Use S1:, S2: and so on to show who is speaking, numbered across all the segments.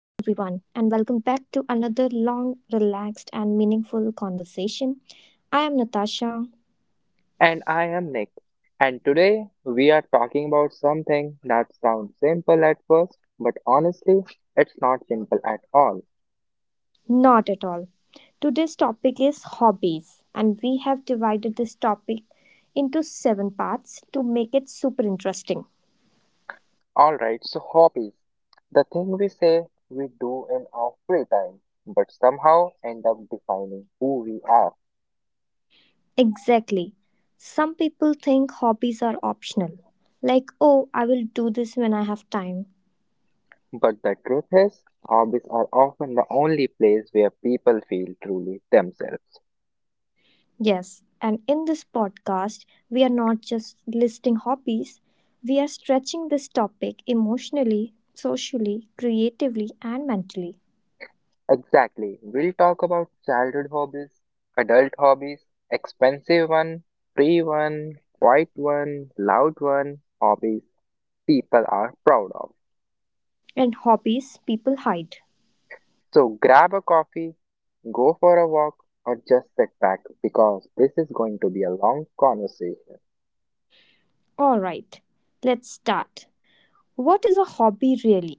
S1: and welcome back to another long, relaxed, and meaningful conversation. I am Natasha.
S2: And I am Nick. And today we are talking about something that sounds simple at first, but honestly, it's not simple at all.
S1: Not at all. Today's topic is hobbies, and we have divided this topic into seven parts to make it super interesting.
S2: Alright, so hobbies. The thing we say we do in our free time, but somehow end up defining who we are.
S1: Exactly. Some people think hobbies are optional, like, oh, I will do this when I have time.
S2: But the truth is, hobbies are often the only place where people feel truly themselves.
S1: Yes, and in this podcast, we are not just listing hobbies, we are stretching this topic emotionally, socially, creatively, and mentally.
S2: Exactly. We'll talk about childhood hobbies, adult hobbies, expensive one, free one, quiet one, loud one, hobbies people are proud of.
S1: And hobbies people hide.
S2: So grab a coffee, go for a walk, or just sit back because this is going to be a long conversation.
S1: All right, let's start. What is a hobby really?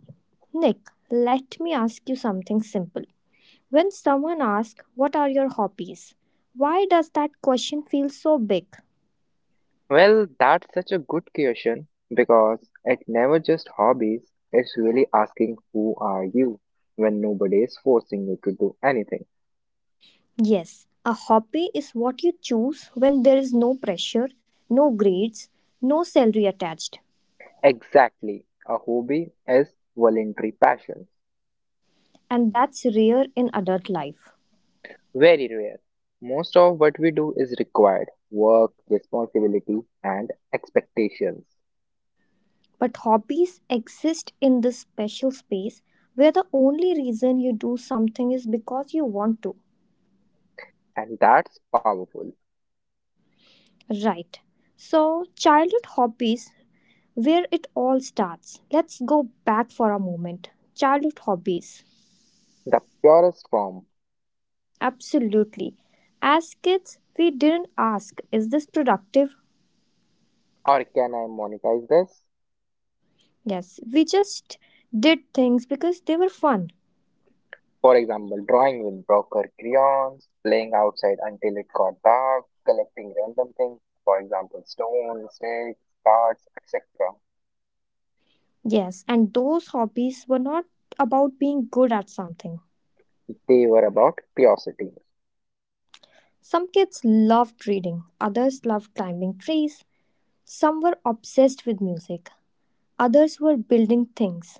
S1: Nick, let me ask you something simple. When someone asks, what are your hobbies? Why does that question feel so big?
S2: Well, that's such a good question because it never just hobbies, it's really asking who are you when nobody is forcing you to do anything.
S1: Yes, a hobby is what you choose when there is no pressure, no grades, no salary attached,
S2: Exactly. A hobby is voluntary passion.
S1: and that's rare in adult life.
S2: Very rare. Most of what we do is required work, responsibility, and expectations.
S1: But hobbies exist in this special space where the only reason you do something is because you want to.
S2: And that's powerful.
S1: Right. So, childhood hobbies, where it all starts. Let's go back for a moment. Childhood hobbies.
S2: The purest form.
S1: Absolutely. As kids, we didn't ask, is this productive?
S2: Or can I monetize this?
S1: Yes, we just did things because they were fun.
S2: For example, drawing with broker crayons, playing outside until it got dark, collecting random things, for example, stones, sticks, cards, etc.
S1: Yes, and those hobbies were not about being good at something.
S2: They were about curiosity.
S1: Some kids loved reading, others loved climbing trees, some were obsessed with music, others were building things.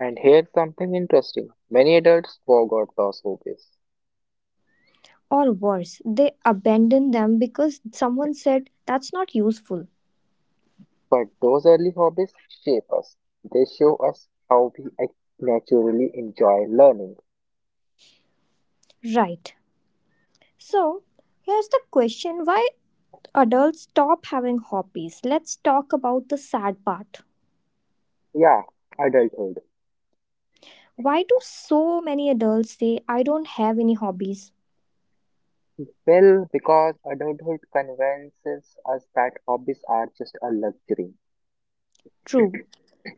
S2: And here's something interesting. Many adults forgot those hobbies.
S1: Or worse, they abandoned them because someone said that's not useful.
S2: But those early hobbies shape us. They show us how we naturally enjoy learning.
S1: Right. So, here's the question why adults stop having hobbies. Let's talk about the sad part.
S2: Yeah, adulthood.
S1: Why do so many adults say, I don't have any hobbies?
S2: Well, because adulthood convinces us that hobbies are just a luxury.
S1: True,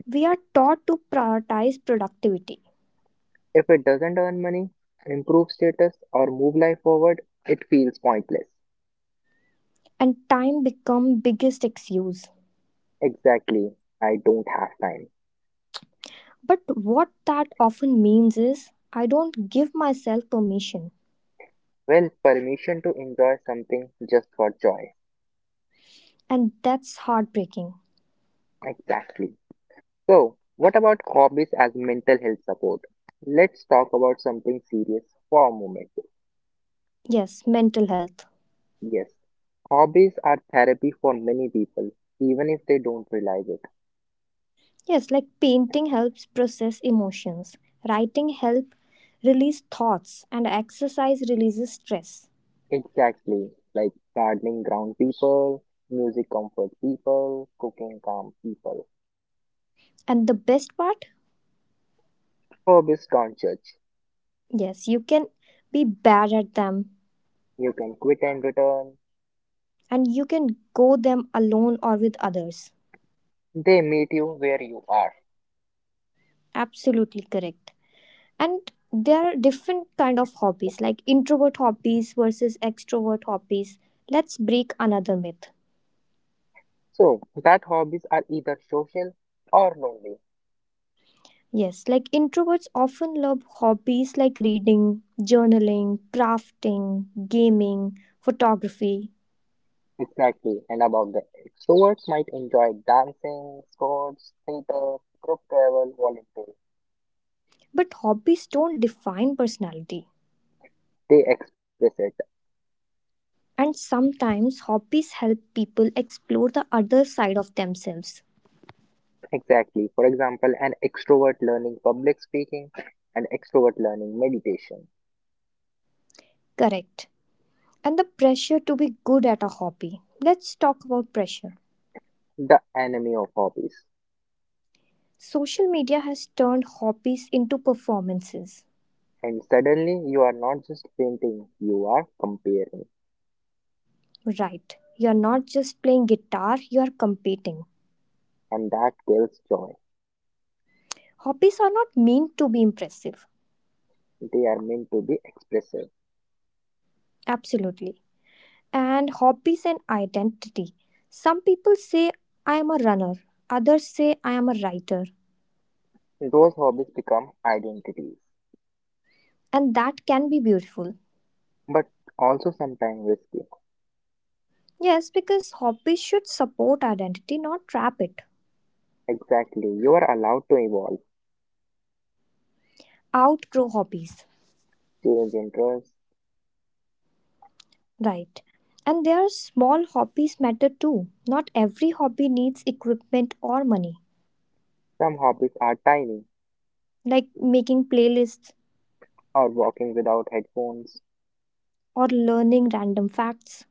S1: we are taught to prioritize productivity
S2: If it doesn't earn money, improve status, or move life forward, it feels pointless.
S1: and time become biggest excuse.
S2: Exactly, I don't have time.
S1: But what that often means is I don't give myself permission
S2: Well, permission to enjoy something just for joy.
S1: and that's heartbreaking.
S2: Exactly. So, what about hobbies as mental health support? Let's talk about something serious for a moment.
S1: Yes, mental health.
S2: Yes, hobbies are therapy for many people, even if they don't realize it.
S1: Yes, like painting helps process emotions, writing help release thoughts and exercise releases stress.
S2: Exactly, like gardening ground people, music comfort people, cooking calm people.
S1: And the best part?
S2: Hobbies don't judge.
S1: Yes, you can be bad at them
S2: You can quit and return.
S1: and you can go them alone or with others.
S2: They meet you where you are.
S1: Absolutely correct. And there are different kind of hobbies like introvert hobbies versus extrovert hobbies. Let's break another myth.
S2: So, that hobbies are either social or lonely.
S1: Yes, like introverts often love hobbies like reading, journaling, crafting, gaming, photography.
S2: Exactly. And about the extroverts might enjoy dancing, sports, theater, group travel, volunteering.
S1: But hobbies don't define personality,
S2: They express it.
S1: and sometimes hobbies help people explore the other side of themselves.
S2: Exactly. For example, an extrovert learning public speaking, an extrovert learning meditation,
S1: Correct. And the pressure to be good at a hobby. Let's talk about pressure.
S2: the enemy of hobbies.
S1: Social media has turned hobbies into performances.
S2: And suddenly you are not just painting, you are comparing.
S1: Right, you're not just playing guitar, you're competing.
S2: And that kills joy.
S1: Hobbies are not meant to be impressive.
S2: They are meant to be expressive.
S1: Absolutely. And hobbies and identity. Some people say, I am a runner, others say, I am a writer.
S2: Those hobbies become identities,
S1: And that can be beautiful.
S2: but also sometimes risky.
S1: Yes, because hobbies should support identity, not trap it.
S2: Exactly. You are allowed to evolve.
S1: Outgrow hobbies.
S2: Students interests.
S1: Right. And their small hobbies matter too. Not every hobby needs equipment or money,
S2: Some hobbies are tiny,
S1: like making playlists
S2: or walking without headphones,
S1: or learning random facts.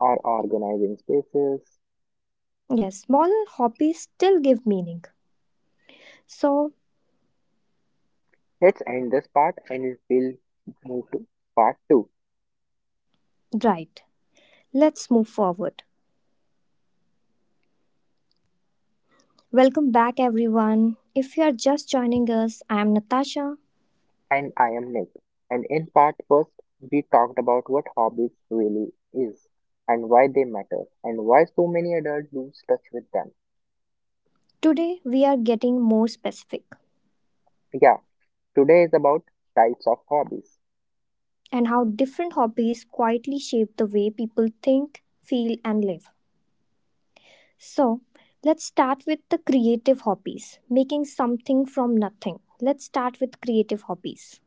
S2: or organizing spaces.
S1: Yes, small hobbies still give meaning. So,
S2: Let's end this part and we'll move to part 2.
S1: right, let's move forward. Welcome back, everyone. If you are just joining us, I am Natasha.
S2: And I am Nick. And in part first, we talked about what hobbies really is and why they matter and why so many adults lose touch with them.
S1: Today, we are getting more specific
S2: Yeah, today is about types of hobbies.
S1: and how different hobbies quietly shape the way people think, feel, and live. So, let's start with the creative hobbies, making something from nothing. Let's start with creative hobbies.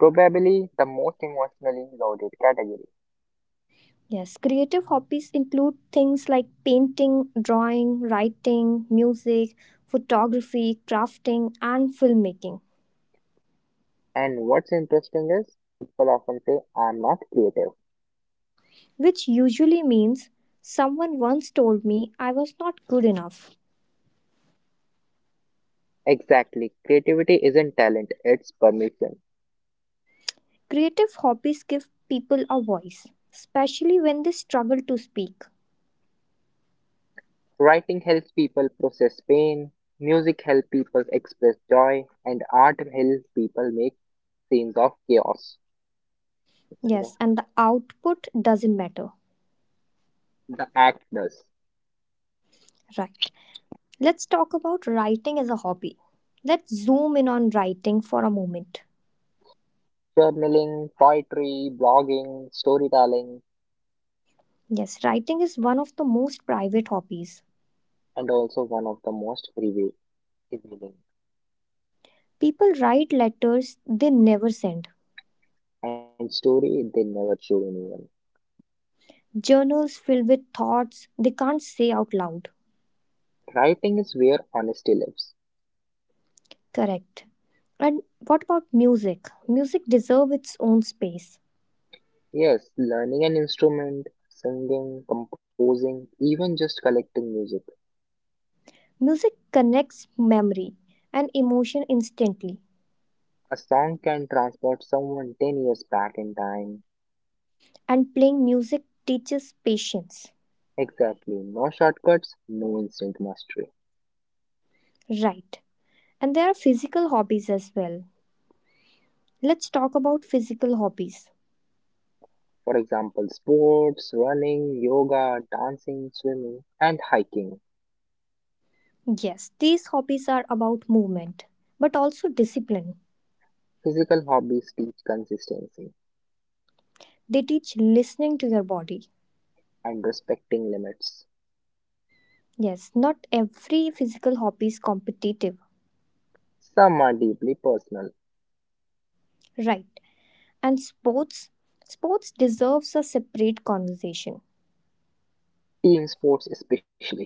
S2: Probably the most emotionally loaded category.
S1: Yes, creative hobbies include things like painting, drawing, writing, music, photography, crafting, and filmmaking,
S2: And what's interesting is people often say, I am not creative.
S1: which usually means someone once told me I was not good enough.
S2: Exactly. Creativity isn't talent, it's permission.
S1: Creative hobbies give people a voice, especially when they struggle to speak.
S2: Writing helps people process pain, music helps people express joy, and art helps people make scenes of chaos. It's
S1: Yes,
S2: what.
S1: and the output doesn't matter.
S2: The act does.
S1: Right. Let's talk about writing as a hobby. Let's zoom in on writing for a moment.
S2: Journaling, poetry, blogging, storytelling,
S1: Yes, writing is one of the most private hobbies.
S2: and also one of the most revealing.
S1: People write letters they never send,
S2: And story they never show anyone.
S1: journals filled with thoughts they can't say out loud.
S2: Writing is where honesty lives.
S1: Correct. And what about music? Music deserves its own space.
S2: Yes, learning an instrument, singing, composing, even just collecting music.
S1: Music connects memory and emotion instantly,
S2: A song can transport someone 10 years back in time.
S1: and playing music teaches patience.
S2: Exactly. No shortcuts, no instant mastery.
S1: Right. And there are physical hobbies as well. Let's talk about physical hobbies.
S2: For example, sports, running, yoga, dancing, swimming, and hiking.
S1: Yes, these hobbies are about movement, but also discipline.
S2: Physical hobbies teach consistency
S1: They teach listening to your body.
S2: and respecting limits.
S1: Yes, not every physical hobby is competitive.
S2: Some are deeply personal,
S1: Right. And sports deserves a separate conversation.
S2: team sports especially.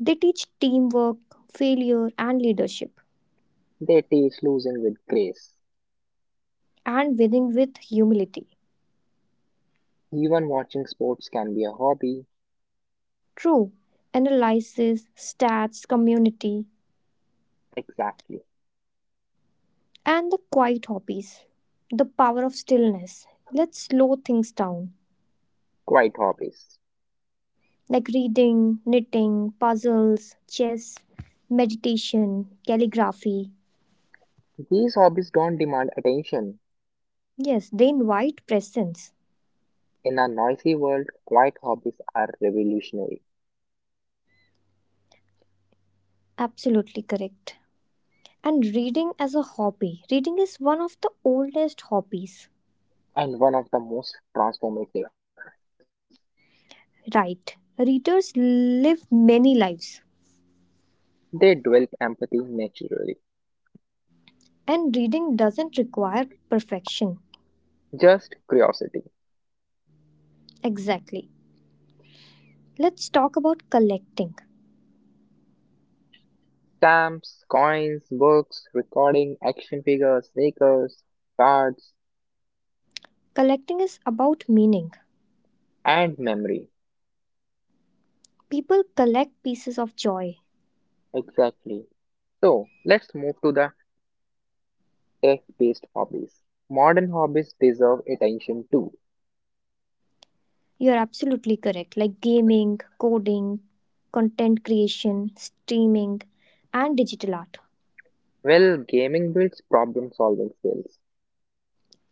S1: They teach teamwork, failure and leadership
S2: They teach losing with grace.
S1: and winning with humility.
S2: Even watching sports can be a hobby.
S1: True. Analysis, stats, community,
S2: Exactly.
S1: and the quiet hobbies, the power of stillness. Let's slow things down,
S2: Quite hobbies.
S1: like reading, knitting, puzzles, chess, meditation, calligraphy.
S2: These hobbies don't demand attention.
S1: Yes, they invite presence.
S2: In a noisy world, quiet hobbies are revolutionary
S1: Absolutely correct. And reading as a hobby. Reading is one of the oldest hobbies.
S2: and one of the most transformative.
S1: Right. Readers live many lives,
S2: They develop empathy naturally.
S1: and reading doesn't require perfection.
S2: Just curiosity.
S1: Exactly. Let's talk about collecting.
S2: Stamps, coins, books, recording, action figures, stickers, cards,
S1: Collecting is about meaning.
S2: and memory.
S1: People collect pieces of joy.
S2: Exactly. So, let's move to the tech based hobbies. Modern hobbies deserve attention too.
S1: You're absolutely correct, like gaming, coding, content creation, streaming, and digital art,
S2: Well, gaming builds problem solving skills.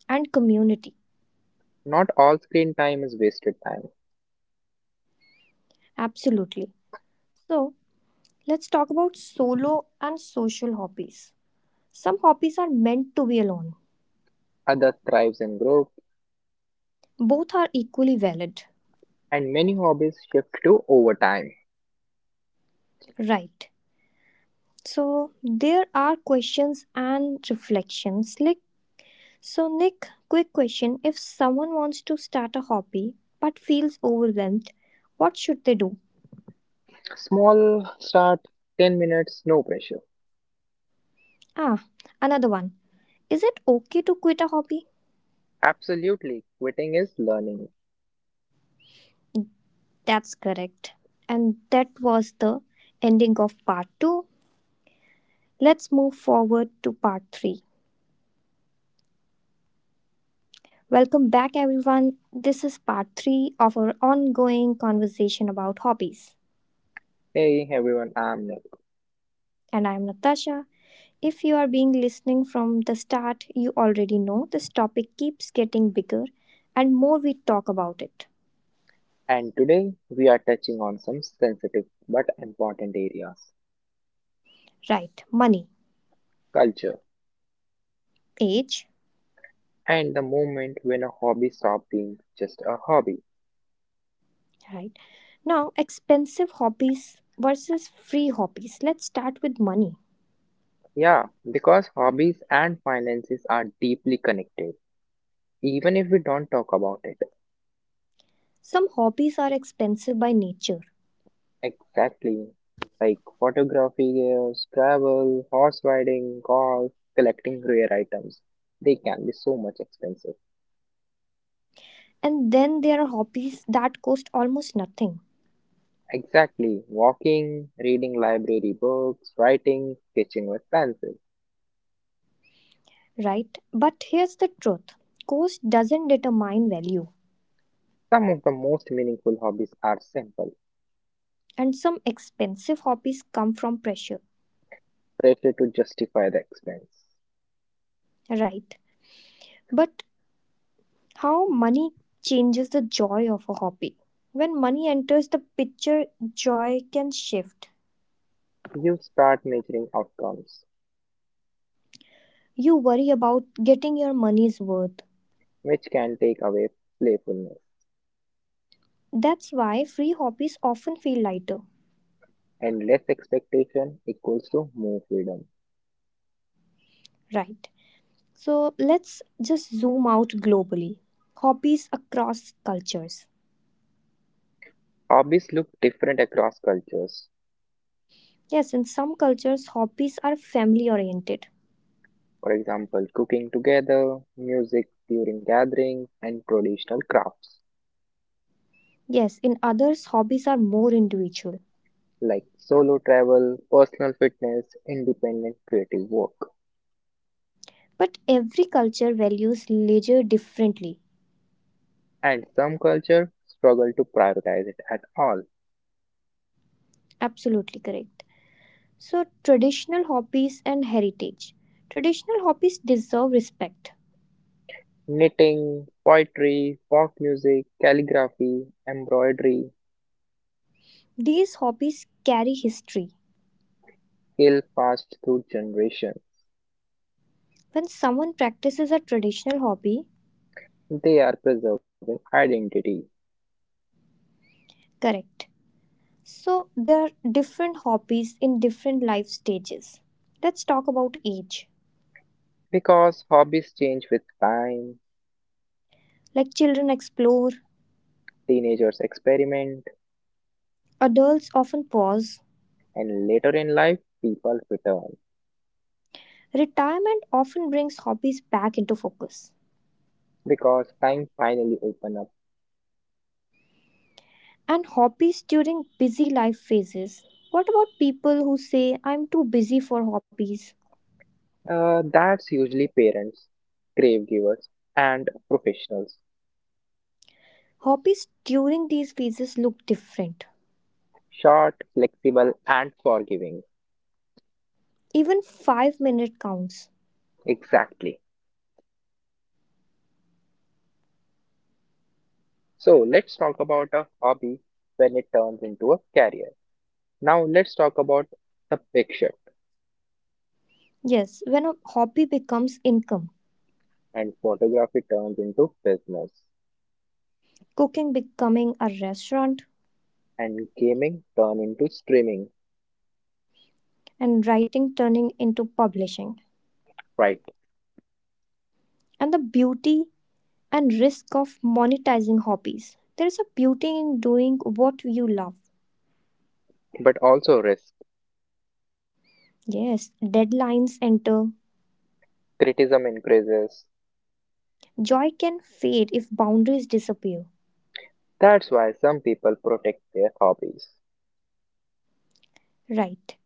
S1: and community.
S2: Not all screen time is wasted time.
S1: Absolutely. So, let's talk about solo and social hobbies. Some hobbies are meant to be alone,
S2: Other thrives in groups
S1: both are equally valid.
S2: and many hobbies shift to overtime.
S1: Right. So, there are questions and reflections like, so, Nick, quick question. If someone wants to start a hobby but feels overwhelmed, what should they do?
S2: Small start, 10 minutes, no pressure.
S1: Ah, another one. Is it okay to quit a hobby?
S2: Absolutely, quitting is learning.
S1: That's correct. And that was the ending of part 2. Let's move forward to part 3. Welcome back, everyone. This is part 3 of our ongoing conversation about hobbies.
S2: Hey everyone, I'm Nick,
S1: And I'm Natasha. If you are being listening from the start, you already know this topic keeps getting bigger and more we talk about it.
S2: and today we are touching on some sensitive but important areas,
S1: Right, money,
S2: culture
S1: age,
S2: and the moment when a hobby stops being just a hobby.
S1: right. Now, expensive hobbies versus free hobbies. Let's start with money.
S2: Yeah, because hobbies and finances are deeply connected, even if we don't talk about it.
S1: Some hobbies are expensive by nature,
S2: Exactly. Like photography, travel, horse riding, golf, collecting rare items. They can be so much expensive.
S1: and then there are hobbies that cost almost nothing,
S2: Exactly. Walking, reading library books, writing, sketching with pencil.
S1: right? But here's the truth, cost doesn't determine value,
S2: Some of the most meaningful hobbies are simple,
S1: and some expensive hobbies come from pressure,
S2: pressure to justify the expense.
S1: right? But how money changes the joy of a hobby. When money enters the picture, joy can shift.
S2: You start measuring outcomes,
S1: You worry about getting your money's worth.
S2: which can take away playfulness,
S1: That's why free hobbies often feel lighter,
S2: and less expectation equals to more freedom.
S1: right? So let's just zoom out globally. Hobbies across cultures.
S2: Hobbies look different across cultures.
S1: Yes, in some cultures, hobbies are family oriented.
S2: For example, cooking together, music during gatherings, and traditional crafts
S1: Yes, in others, hobbies are more individual.
S2: like solo travel, personal fitness, independent creative work.
S1: But every culture values leisure differently.
S2: And some cultures struggle to prioritize it at all.
S1: Absolutely correct. So, traditional hobbies and heritage. Traditional hobbies deserve respect.
S2: Knitting, poetry, folk music, calligraphy, embroidery
S1: These hobbies carry history.
S2: skill passed through generations.
S1: When someone practices a traditional hobby,
S2: They are preserving identity
S1: correct. So, there are different hobbies in different life stages. Let's talk about age.
S2: because hobbies change with time,
S1: Like children explore,
S2: teenagers experiment,
S1: adults often pause.
S2: and later in life people return.
S1: Retirement often brings hobbies back into focus.
S2: Because time finally open up.
S1: And hobbies during busy life phases. What about people who say, I'm too busy for hobbies?
S2: That's usually parents, grave givers, and professionals.
S1: Hobbies during these phases look different.
S2: Short, flexible, and forgiving.
S1: Even 5-minute counts.
S2: Exactly. So let's talk about a hobby when it turns into a career. Now let's talk about the big shift
S1: Yes, when a hobby becomes income,
S2: and photography turns into business
S1: cooking becoming a restaurant,
S2: and gaming turn into streaming.
S1: and writing turning into publishing.
S2: Right.
S1: And the beauty and risk of monetizing hobbies. There is a beauty in doing what you love.
S2: But also risk.
S1: Yes, deadlines enter.
S2: Criticism increases.
S1: Joy can fade if boundaries disappear.
S2: That's why some people protect their hobbies.
S1: Right.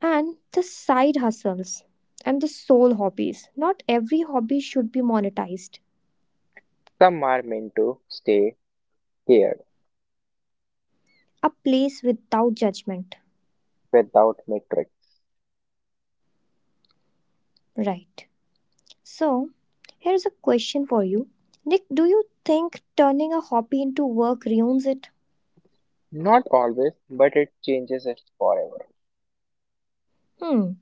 S1: And the side hustles and the soul hobbies. Not every hobby should be monetized.
S2: Some are meant to stay care
S1: A place without judgment,
S2: without metrics.
S1: right? So, here's a question for you. Nick, do you think turning a hobby into work ruins it?
S2: Not always, but it changes it forever.
S1: Hmm,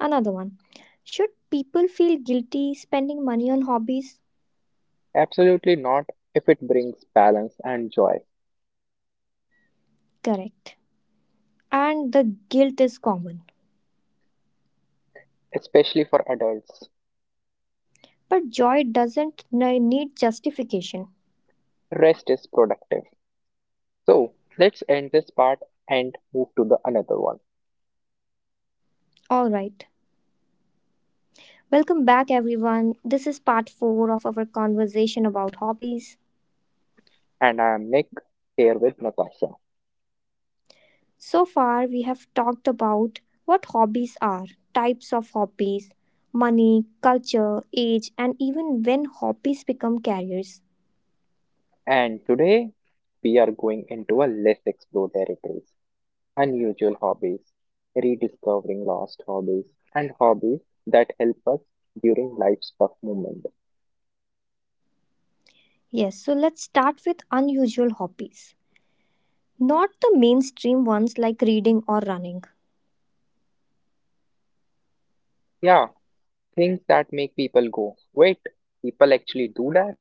S1: another one. Should people feel guilty spending money on hobbies?
S2: Absolutely not if it brings balance and joy,
S1: Correct. And the guilt is common.
S2: especially for adults.
S1: But joy doesn't need justification.
S2: Rest is productive. So let's end this part and move to the another one.
S1: All right. Welcome back, everyone. This is part four of our conversation about hobbies.
S2: And I am Nick here with Natasha.
S1: So far, we have talked about what hobbies are, types of hobbies, money, culture, age, and even when hobbies become careers.
S2: And today we are going into a less explored territories, unusual hobbies, rediscovering lost hobbies, and hobbies that help us during life's tough moment.
S1: Yes, so let's start with unusual hobbies. Not the mainstream ones like reading or running,
S2: Yeah, things that make people go, wait, people actually do that?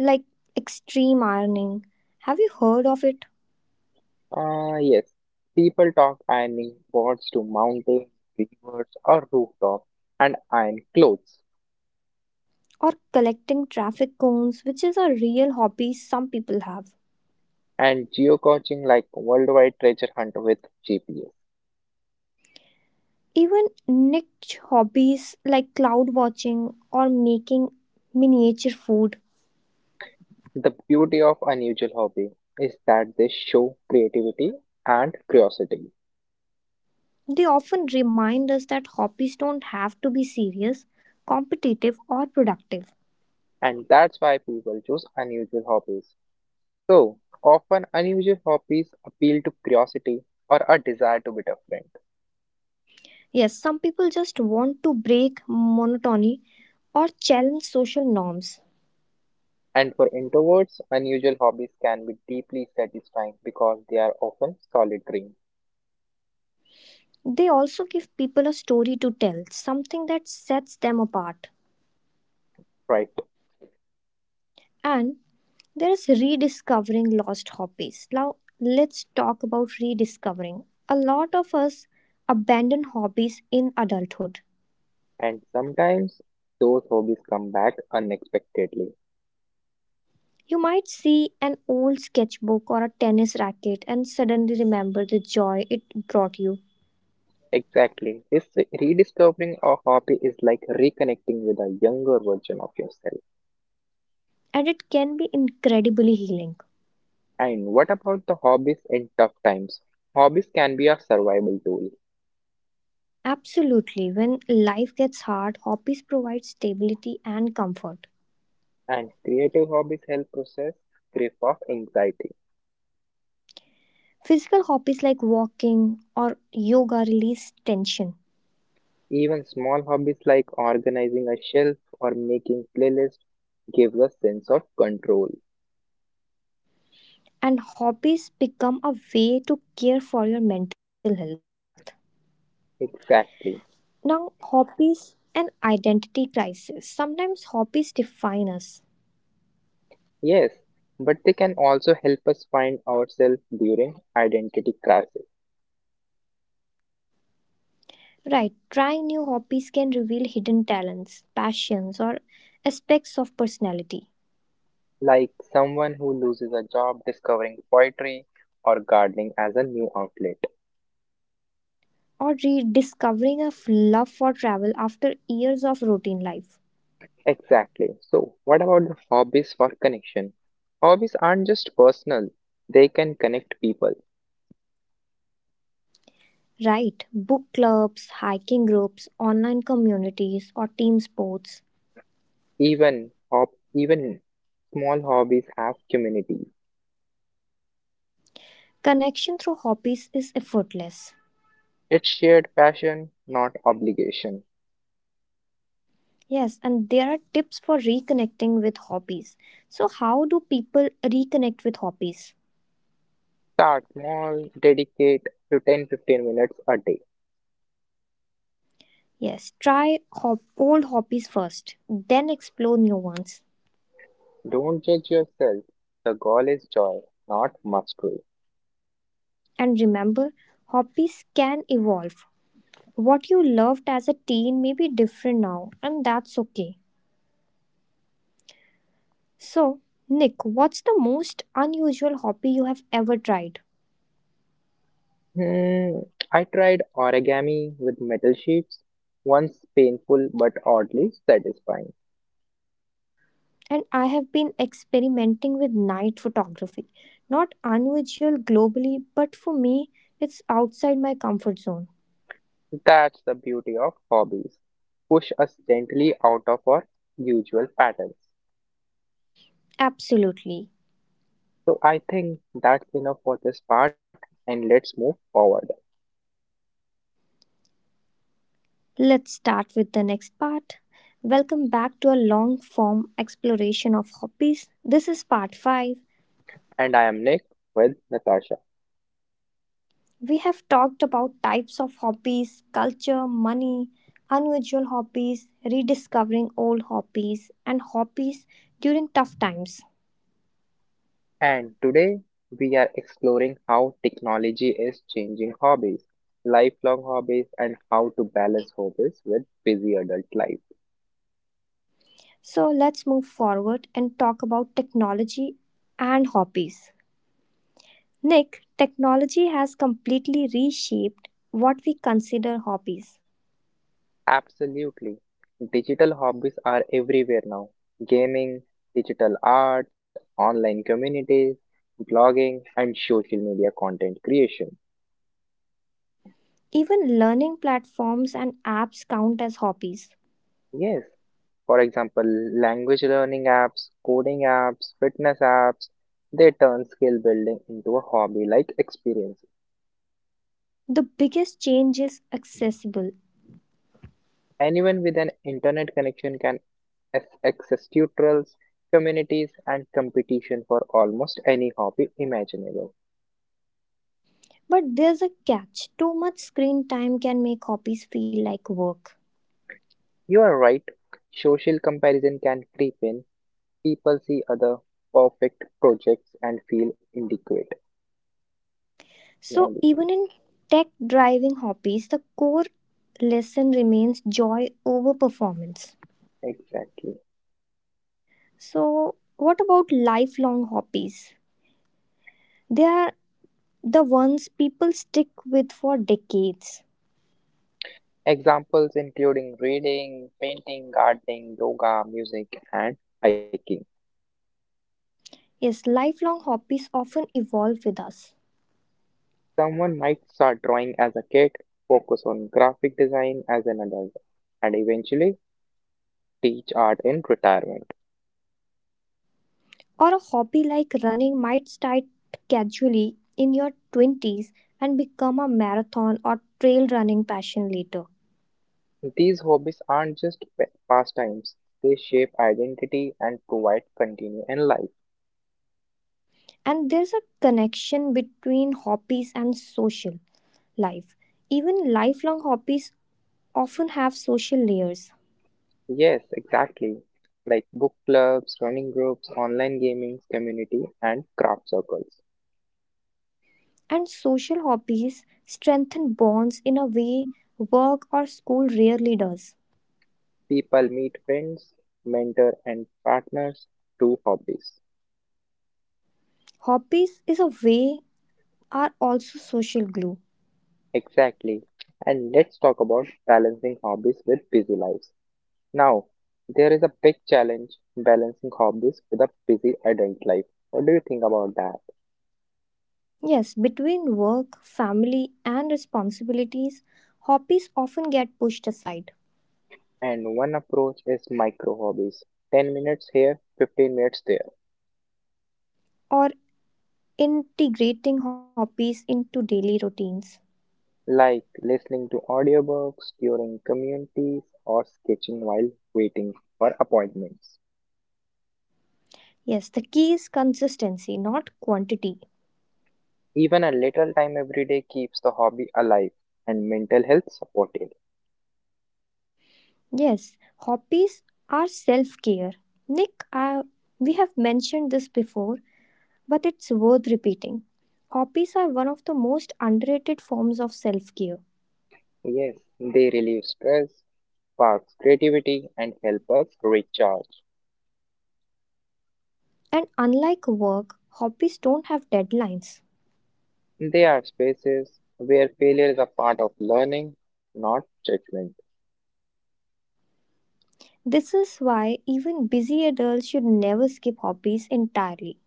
S1: like extreme ironing. Have you heard of it?
S2: Ah, yes. People talk ironing boards to mountains, rivers, or rooftops, and iron clothes,
S1: Or collecting traffic cones, which is a real hobby some people have.
S2: and geocaching like worldwide treasure hunt with GPS.
S1: Even niche hobbies like cloud watching or making miniature food,
S2: The beauty of unusual hobby is that they show creativity and curiosity,
S1: they often remind us that hobbies don't have to be serious, competitive, or productive.
S2: and that's why people choose unusual hobbies. So often, unusual hobbies appeal to curiosity or a desire to be different.
S1: Yes, some people just want to break monotony or challenge social norms.
S2: And for introverts, unusual hobbies can be deeply satisfying because they are often solitary,
S1: They also give people a story to tell, something that sets them apart.
S2: right?
S1: And there is rediscovering lost hobbies. Now, let's talk about rediscovering. A lot of us abandon hobbies in adulthood.
S2: And sometimes those hobbies come back unexpectedly.
S1: You might see an old sketchbook or a tennis racket and suddenly remember the joy it brought you,
S2: Exactly. This rediscovering a hobby is like reconnecting with a younger version of yourself.
S1: and it can be incredibly healing.
S2: And what about the hobbies in tough times? Hobbies can be a survival tool,
S1: Absolutely, when life gets hard, hobbies provide stability and comfort.
S2: and creative hobbies help process grief of anxiety.
S1: Physical hobbies like walking or yoga release tension,
S2: Even small hobbies like organizing a shelf or making playlists gives a sense of control.
S1: and hobbies become a way to care for your mental health.
S2: Exactly.
S1: Now, hobbies and identity crisis. Sometimes hobbies define us.
S2: Yes, but they can also help us find ourselves during identity crisis,
S1: Right, trying new hobbies can reveal hidden talents, passions, or aspects of personality.
S2: like someone who loses a job discovering poetry or gardening as a new outlet.
S1: Or rediscovering a love for travel after years of routine life.
S2: Exactly. So, what about the hobbies for connection? Hobbies aren't just personal, they can connect people.
S1: Right, book clubs, hiking groups, online communities, or team sports.
S2: Even small hobbies have communities.
S1: Connection through hobbies is effortless.
S2: It's shared passion, not obligation.
S1: Yes, and there are tips for reconnecting with hobbies. So, how do people reconnect with hobbies?
S2: Start small, dedicate to 10 15 minutes a day.
S1: Yes, try old hobbies first, then explore new ones.
S2: Don't judge yourself. The goal is joy, not mastery.
S1: And remember, hobbies can evolve. What you loved as a teen may be different now, and that's okay. So, Nick, what's the most unusual hobby you have ever tried?
S2: Hmm, I tried origami with metal sheets, once painful but oddly satisfying.
S1: And I have been experimenting with night photography, not unusual globally, but for me, it's outside my comfort zone.
S2: That's the beauty of hobbies. Push us gently out of our usual patterns.
S1: Absolutely.
S2: So I think that's enough for this part and let's move forward.
S1: Let's start with the next part. Welcome back to a long form exploration of hobbies. This is part 5.
S2: And I am Nick with Natasha.
S1: We have talked about types of hobbies, culture, money, unusual hobbies, rediscovering old hobbies, and hobbies during tough times.
S2: And today we are exploring how technology is changing hobbies, lifelong hobbies, and how to balance hobbies with busy adult life.
S1: So let's move forward and talk about technology and hobbies. Nick, technology has completely reshaped what we consider hobbies.
S2: Absolutely. Digital hobbies are everywhere now. Gaming, digital art, online communities, blogging, and social media content creation.
S1: Even learning platforms and apps count as hobbies.
S2: Yes, for example, language learning apps, coding apps, fitness apps, they turn skill building into a hobby like experience.
S1: The biggest change is accessible,
S2: Anyone with an internet connection can access tutorials, communities, and competition for almost any hobby imaginable.
S1: but there's a catch. Too much screen time can make hobbies feel like work.
S2: You are right, social comparison can creep in. People see other perfect projects and feel inadequate.
S1: So,
S2: Inadequate,
S1: even in tech driving hobbies, the core lesson remains joy over performance.
S2: Exactly.
S1: So, what about lifelong hobbies? They are the ones people stick with for decades.
S2: Examples including reading, painting, gardening, yoga, music, and hiking.
S1: Yes, lifelong hobbies often evolve with us.
S2: Someone might start drawing as a kid, focus on graphic design as an adult, and eventually teach art in retirement.
S1: Or a hobby like running might start casually in your 20s and become a marathon or trail running passion later.
S2: These hobbies aren't just pastimes, they shape identity and provide continue in life.
S1: And there's a connection between hobbies and social life. Even lifelong hobbies often have social layers.
S2: Yes, exactly. Like book clubs, running groups, online gaming community, and craft circles.
S1: And social hobbies strengthen bonds in a way work or school rarely does.
S2: People meet friends, mentor, and partners through hobbies.
S1: Hobbies is a way are also social glue.
S2: Exactly. And let's talk about balancing hobbies with busy lives. Now, there is a big challenge balancing hobbies with a busy adult life. What do you think about that?
S1: Yes, between work, family, and responsibilities, hobbies often get pushed aside
S2: And one approach is micro hobbies 10 minutes here, 15 minutes there,
S1: or integrating hobbies into daily routines.
S2: like listening to audiobooks during communities or sketching while waiting for appointments.
S1: Yes, the key is consistency, not quantity.
S2: Even a little time every day keeps the hobby alive and mental health supported.
S1: Yes, hobbies are self care. Nick, we have mentioned this before, but it's worth repeating. Hobbies are one of the most underrated forms of self care.
S2: Yes, they relieve stress, sparks creativity, and help us recharge.
S1: And unlike work, hobbies don't have deadlines.
S2: They are spaces where failure is a part of learning, not judgment.
S1: This is why even busy adults should never skip hobbies entirely.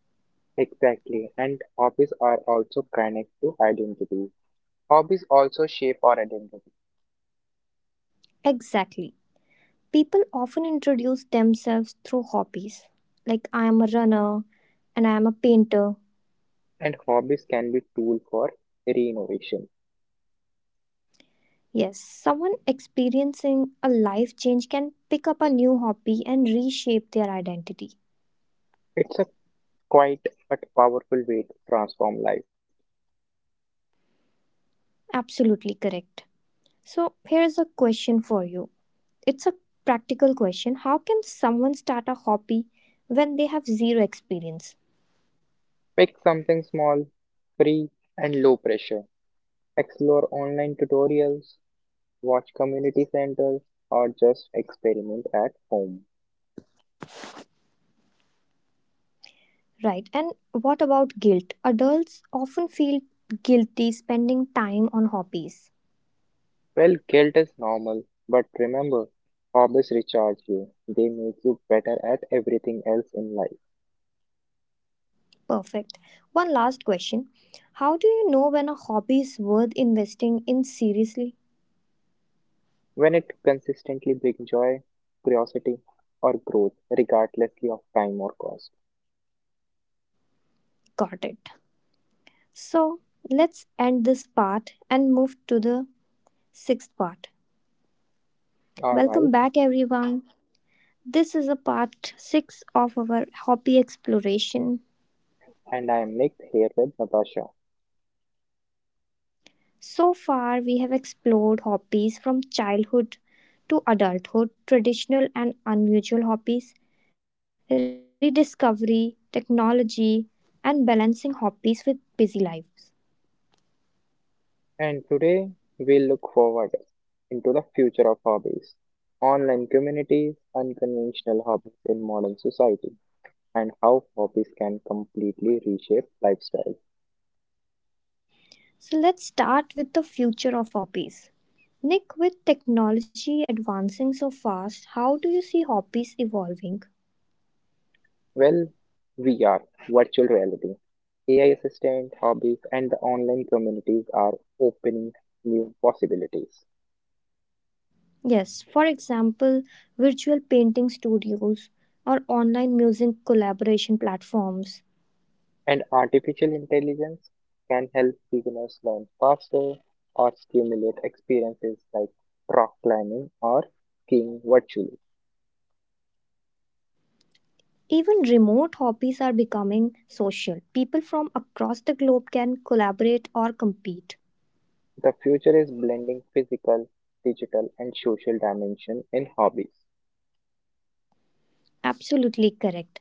S2: Exactly, and hobbies are also connected to identity. Hobbies also shape our identity,
S1: Exactly. People often introduce themselves through hobbies, like I am a runner and I am a painter.
S2: and hobbies can be tool for reinnovation.
S1: Yes, someone experiencing a life change can pick up a new hobby and reshape their identity.
S2: It's a quite but powerful way to transform life.
S1: Absolutely correct. So, here's a question for you. It's a practical question. How can someone start a hobby when they have zero experience?
S2: Pick something small, free, and low pressure. Explore online tutorials, watch community centers, or just experiment at home.
S1: Right. And what about guilt? Adults often feel guilty spending time on hobbies.
S2: Well, guilt is normal, but remember, hobbies recharge you. They make you better at everything else in life.
S1: Perfect. One last question. How do you know when a hobby is worth investing in seriously?
S2: When it consistently brings joy, curiosity, or growth, regardlessly of time or cost.
S1: Got it. So, let's end this part and move to the sixth part. Welcome
S2: Alright,
S1: back, everyone. This is a part 6 of our hobby exploration.
S2: and I am Nick here with Natasha.
S1: So far, we have explored hobbies from childhood to adulthood, traditional and unusual hobbies, rediscovery, technology, and balancing hobbies with busy lives.
S2: And today we look forward into the future of hobbies, online communities, unconventional hobbies in modern society, and how hobbies can completely reshape lifestyle.
S1: So, let's start with the future of hobbies. Nick, with technology advancing so fast, how do you see hobbies evolving?
S2: Well, we are virtual reality. AI assistant hobbies and the online communities are opening new possibilities.
S1: Yes, for example, virtual painting studios or online music collaboration platforms.
S2: And artificial intelligence can help beginners learn faster or stimulate experiences like rock climbing or skiing virtually.
S1: Even remote hobbies are becoming social. People from across the globe can collaborate or compete.
S2: The future is blending physical, digital, and social dimension in hobbies.
S1: Absolutely correct.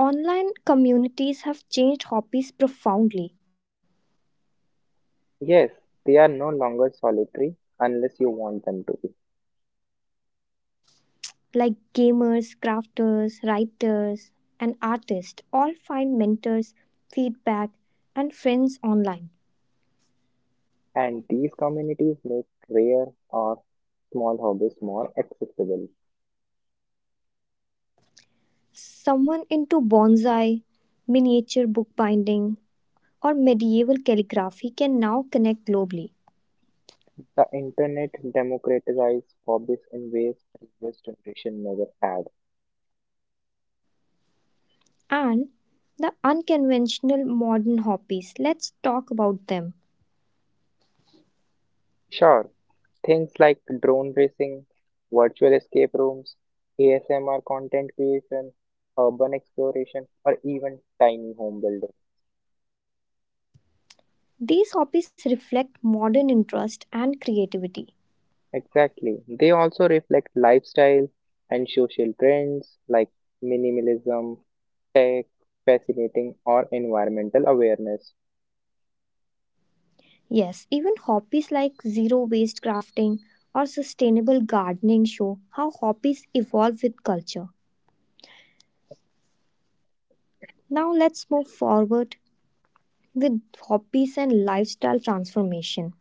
S1: Online communities have changed hobbies profoundly,
S2: Yes, they are no longer solitary unless you want them to be.
S1: like gamers, crafters, writers, and artists all find mentors, feedback, and friends online.
S2: And these communities make rare or small hobbies more accessible.
S1: Someone into bonsai, miniature bookbinding, or medieval calligraphy can now connect globally.
S2: The internet democratizes hobbies in ways previous generation never had.
S1: And the unconventional modern hobbies, let's talk about them.
S2: Sure, things like drone racing, virtual escape rooms, ASMR content creation, urban exploration, or even tiny home building.
S1: These hobbies reflect modern interest and creativity.
S2: Exactly. They also reflect lifestyle and social trends like minimalism, tech, fascinating, or environmental awareness.
S1: Yes, even hobbies like zero waste crafting or sustainable gardening show how hobbies evolve with culture. Now let's move forward with hobbies and lifestyle transformation.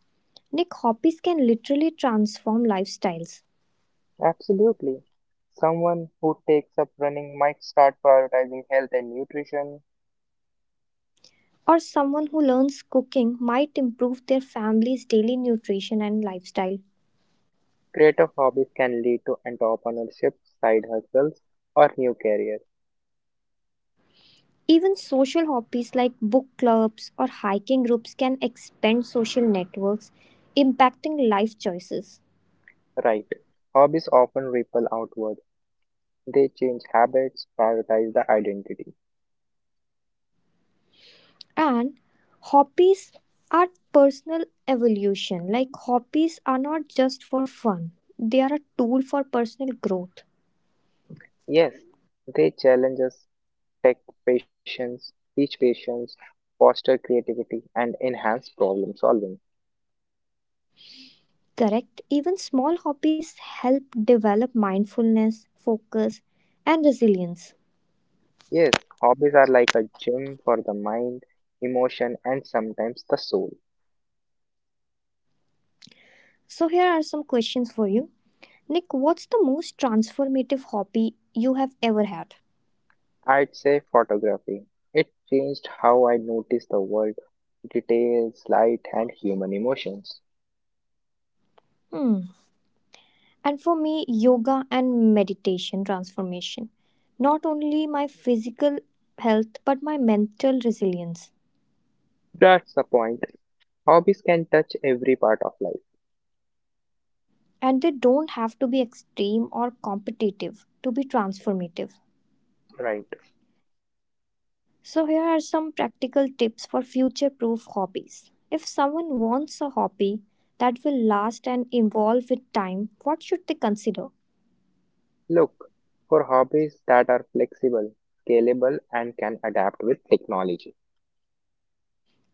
S1: Nick, hobbies can literally transform lifestyles.
S2: Absolutely. Someone who takes up running might start prioritizing health and nutrition.
S1: Or someone who learns cooking might improve their family's daily nutrition and lifestyle.
S2: Creative hobbies can lead to entrepreneurship, side hustles, or new careers.
S1: Even social hobbies like book clubs or hiking groups can expand social networks, impacting life choices.
S2: Right. Hobbies often ripple outward. They change habits, prioritize the identity.
S1: And hobbies are personal evolution. Like hobbies are not just for fun, they are a tool for personal growth.
S2: Yes, they challenge us, take patience, teach patience, foster creativity, and enhance problem solving.
S1: Correct. Even small hobbies help develop mindfulness, focus, and resilience.
S2: Yes, hobbies are like a gym for the mind, emotion, and sometimes the soul.
S1: So, here are some questions for you. Nick, what's the most transformative hobby you have ever had?
S2: I'd say photography. It changed how I noticed the world, details, light, and human emotions.
S1: Hmm. And for me, yoga and meditation transformation. Not only my physical health, but my mental resilience.
S2: That's the point. Hobbies can touch every part of life.
S1: And they don't have to be extreme or competitive to be transformative.
S2: Right.
S1: So, here are some practical tips for future proof hobbies. If someone wants a hobby that will last and evolve with time, what should they consider?
S2: Look for hobbies that are flexible, scalable, and can adapt with technology.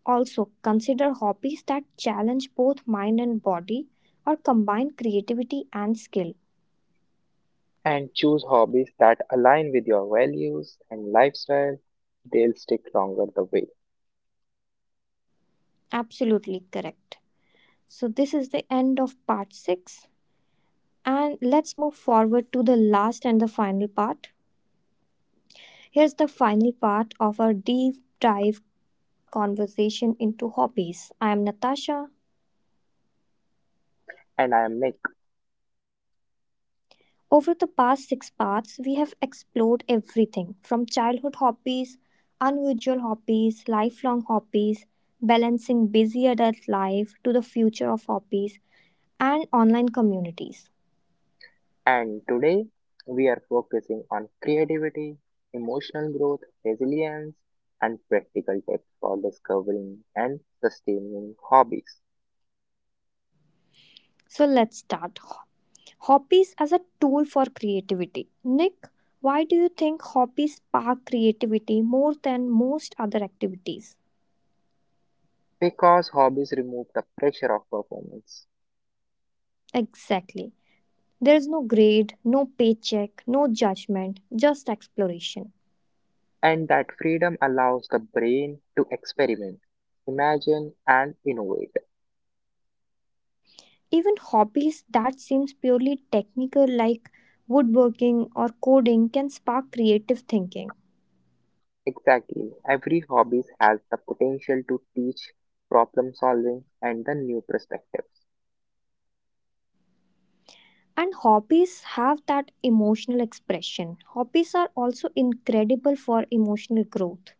S1: Also, consider hobbies that challenge both mind and body or combine creativity and skill.
S2: And choose hobbies that align with your values and lifestyle. They'll stick longer the way.
S1: Absolutely correct. So, this is the end of part 6, and let's move forward to the last and the final part. Here's the final part of our deep dive conversation into hobbies. I am Natasha.
S2: And I am Nick.
S1: Over the past six parts, we have explored everything from childhood hobbies, unusual hobbies, lifelong hobbies, balancing busy adult life to the future of hobbies, and online communities.
S2: And today we are focusing on creativity, emotional growth, resilience, and practical tips for discovering and sustaining hobbies.
S1: So let's start. Hobbies as a tool for creativity. Nick, why do you think hobbies spark creativity more than most other activities?
S2: Because hobbies remove the pressure of performance,
S1: Exactly. There is no grade, no paycheck, no judgment, just exploration.
S2: and that freedom allows the brain to experiment, imagine, and innovate.
S1: Even hobbies that seems purely technical like woodworking or coding can spark creative thinking.
S2: Exactly, every hobby has the potential to teach problem solving and the new perspectives.
S1: And hobbies have that emotional expression. Hobbies are also incredible for emotional growth.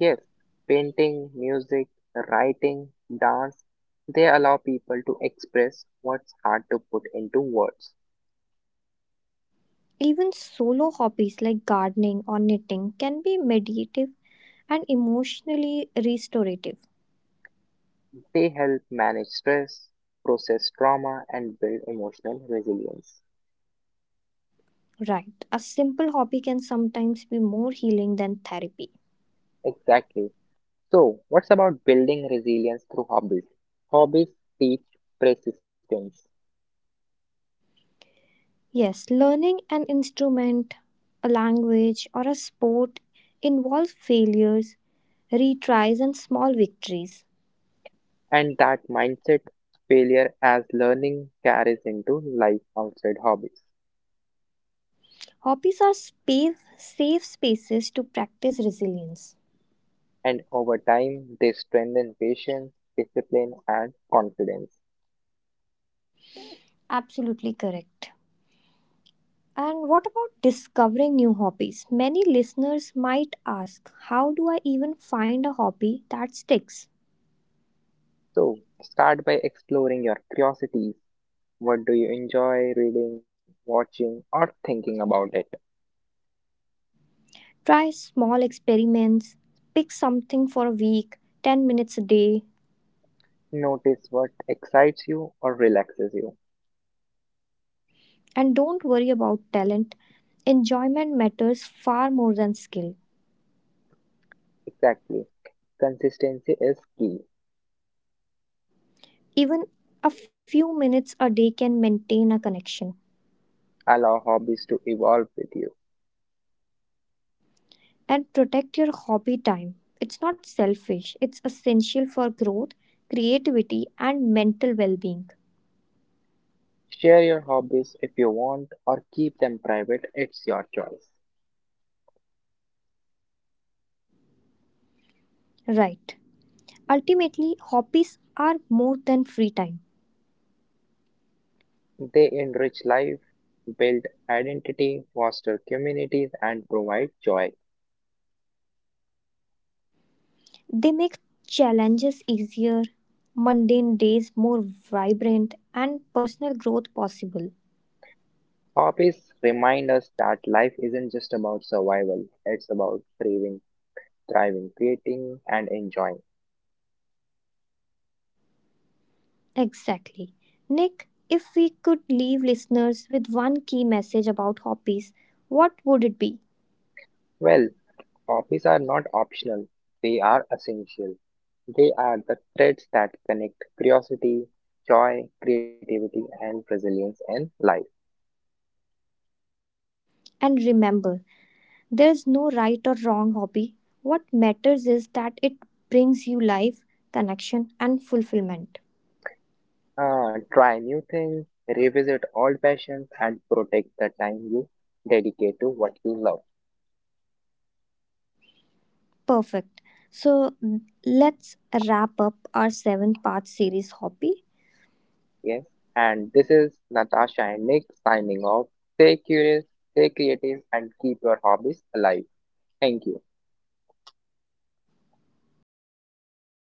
S2: Yes, painting, music, writing, dance, they allow people to express what's hard to put into words.
S1: Even solo hobbies like gardening or knitting can be meditative and emotionally restorative.
S2: They help manage stress, process trauma, and build emotional resilience.
S1: Right, a simple hobby can sometimes be more healing than therapy.
S2: Exactly. So, what's about building resilience through hobbies? Hobbies teach persistence,
S1: Yes, learning an instrument, a language, or a sport involve failures, retries, and small victories.
S2: and that mindset failure as learning carries into life outside hobbies.
S1: Hobbies are space, safe spaces to practice resilience.
S2: And over time, they strengthen patience, discipline, and confidence.
S1: Absolutely correct. And what about discovering new hobbies? Many listeners might ask, how do I even find a hobby that sticks?
S2: So, start by exploring your curiosities. What do you enjoy reading, watching, or thinking about it?
S1: Try small experiments, pick something for a week, 10 minutes a day,
S2: Notice what excites you or relaxes you.
S1: and don't worry about talent. Enjoyment matters far more than skill.
S2: Exactly. Consistency is key.
S1: Even a few minutes a day can maintain a connection.
S2: Allow hobbies to evolve with you.
S1: And protect your hobby time. It's not selfish, it's essential for growth, creativity, and mental well being.
S2: Share your hobbies if you want or keep them private, it's your choice.
S1: Right. Ultimately, hobbies are more than free time.
S2: They enrich life, build identity, foster communities, and provide joy.
S1: They make challenges easier, mundane days more vibrant, and personal growth possible.
S2: Hobbies remind us that life isn't just about survival, it's about craving, thriving, creating, and enjoying.
S1: Exactly. Nick, if we could leave listeners with one key message about hobbies, what would it be?
S2: Well, hobbies are not optional, they are essential. They are the threads that connect curiosity, joy, creativity, and resilience in life.
S1: And remember, there's no right or wrong hobby. What matters is that it brings you life, connection, and fulfillment.
S2: Try new things, revisit old passions, and protect the time you dedicate to what you love.
S1: Perfect. So let's wrap up our seven-part series hobby
S2: Yes, and this is Natasha and Nick signing off. Stay curious, stay creative, and keep your hobbies alive. Thank you.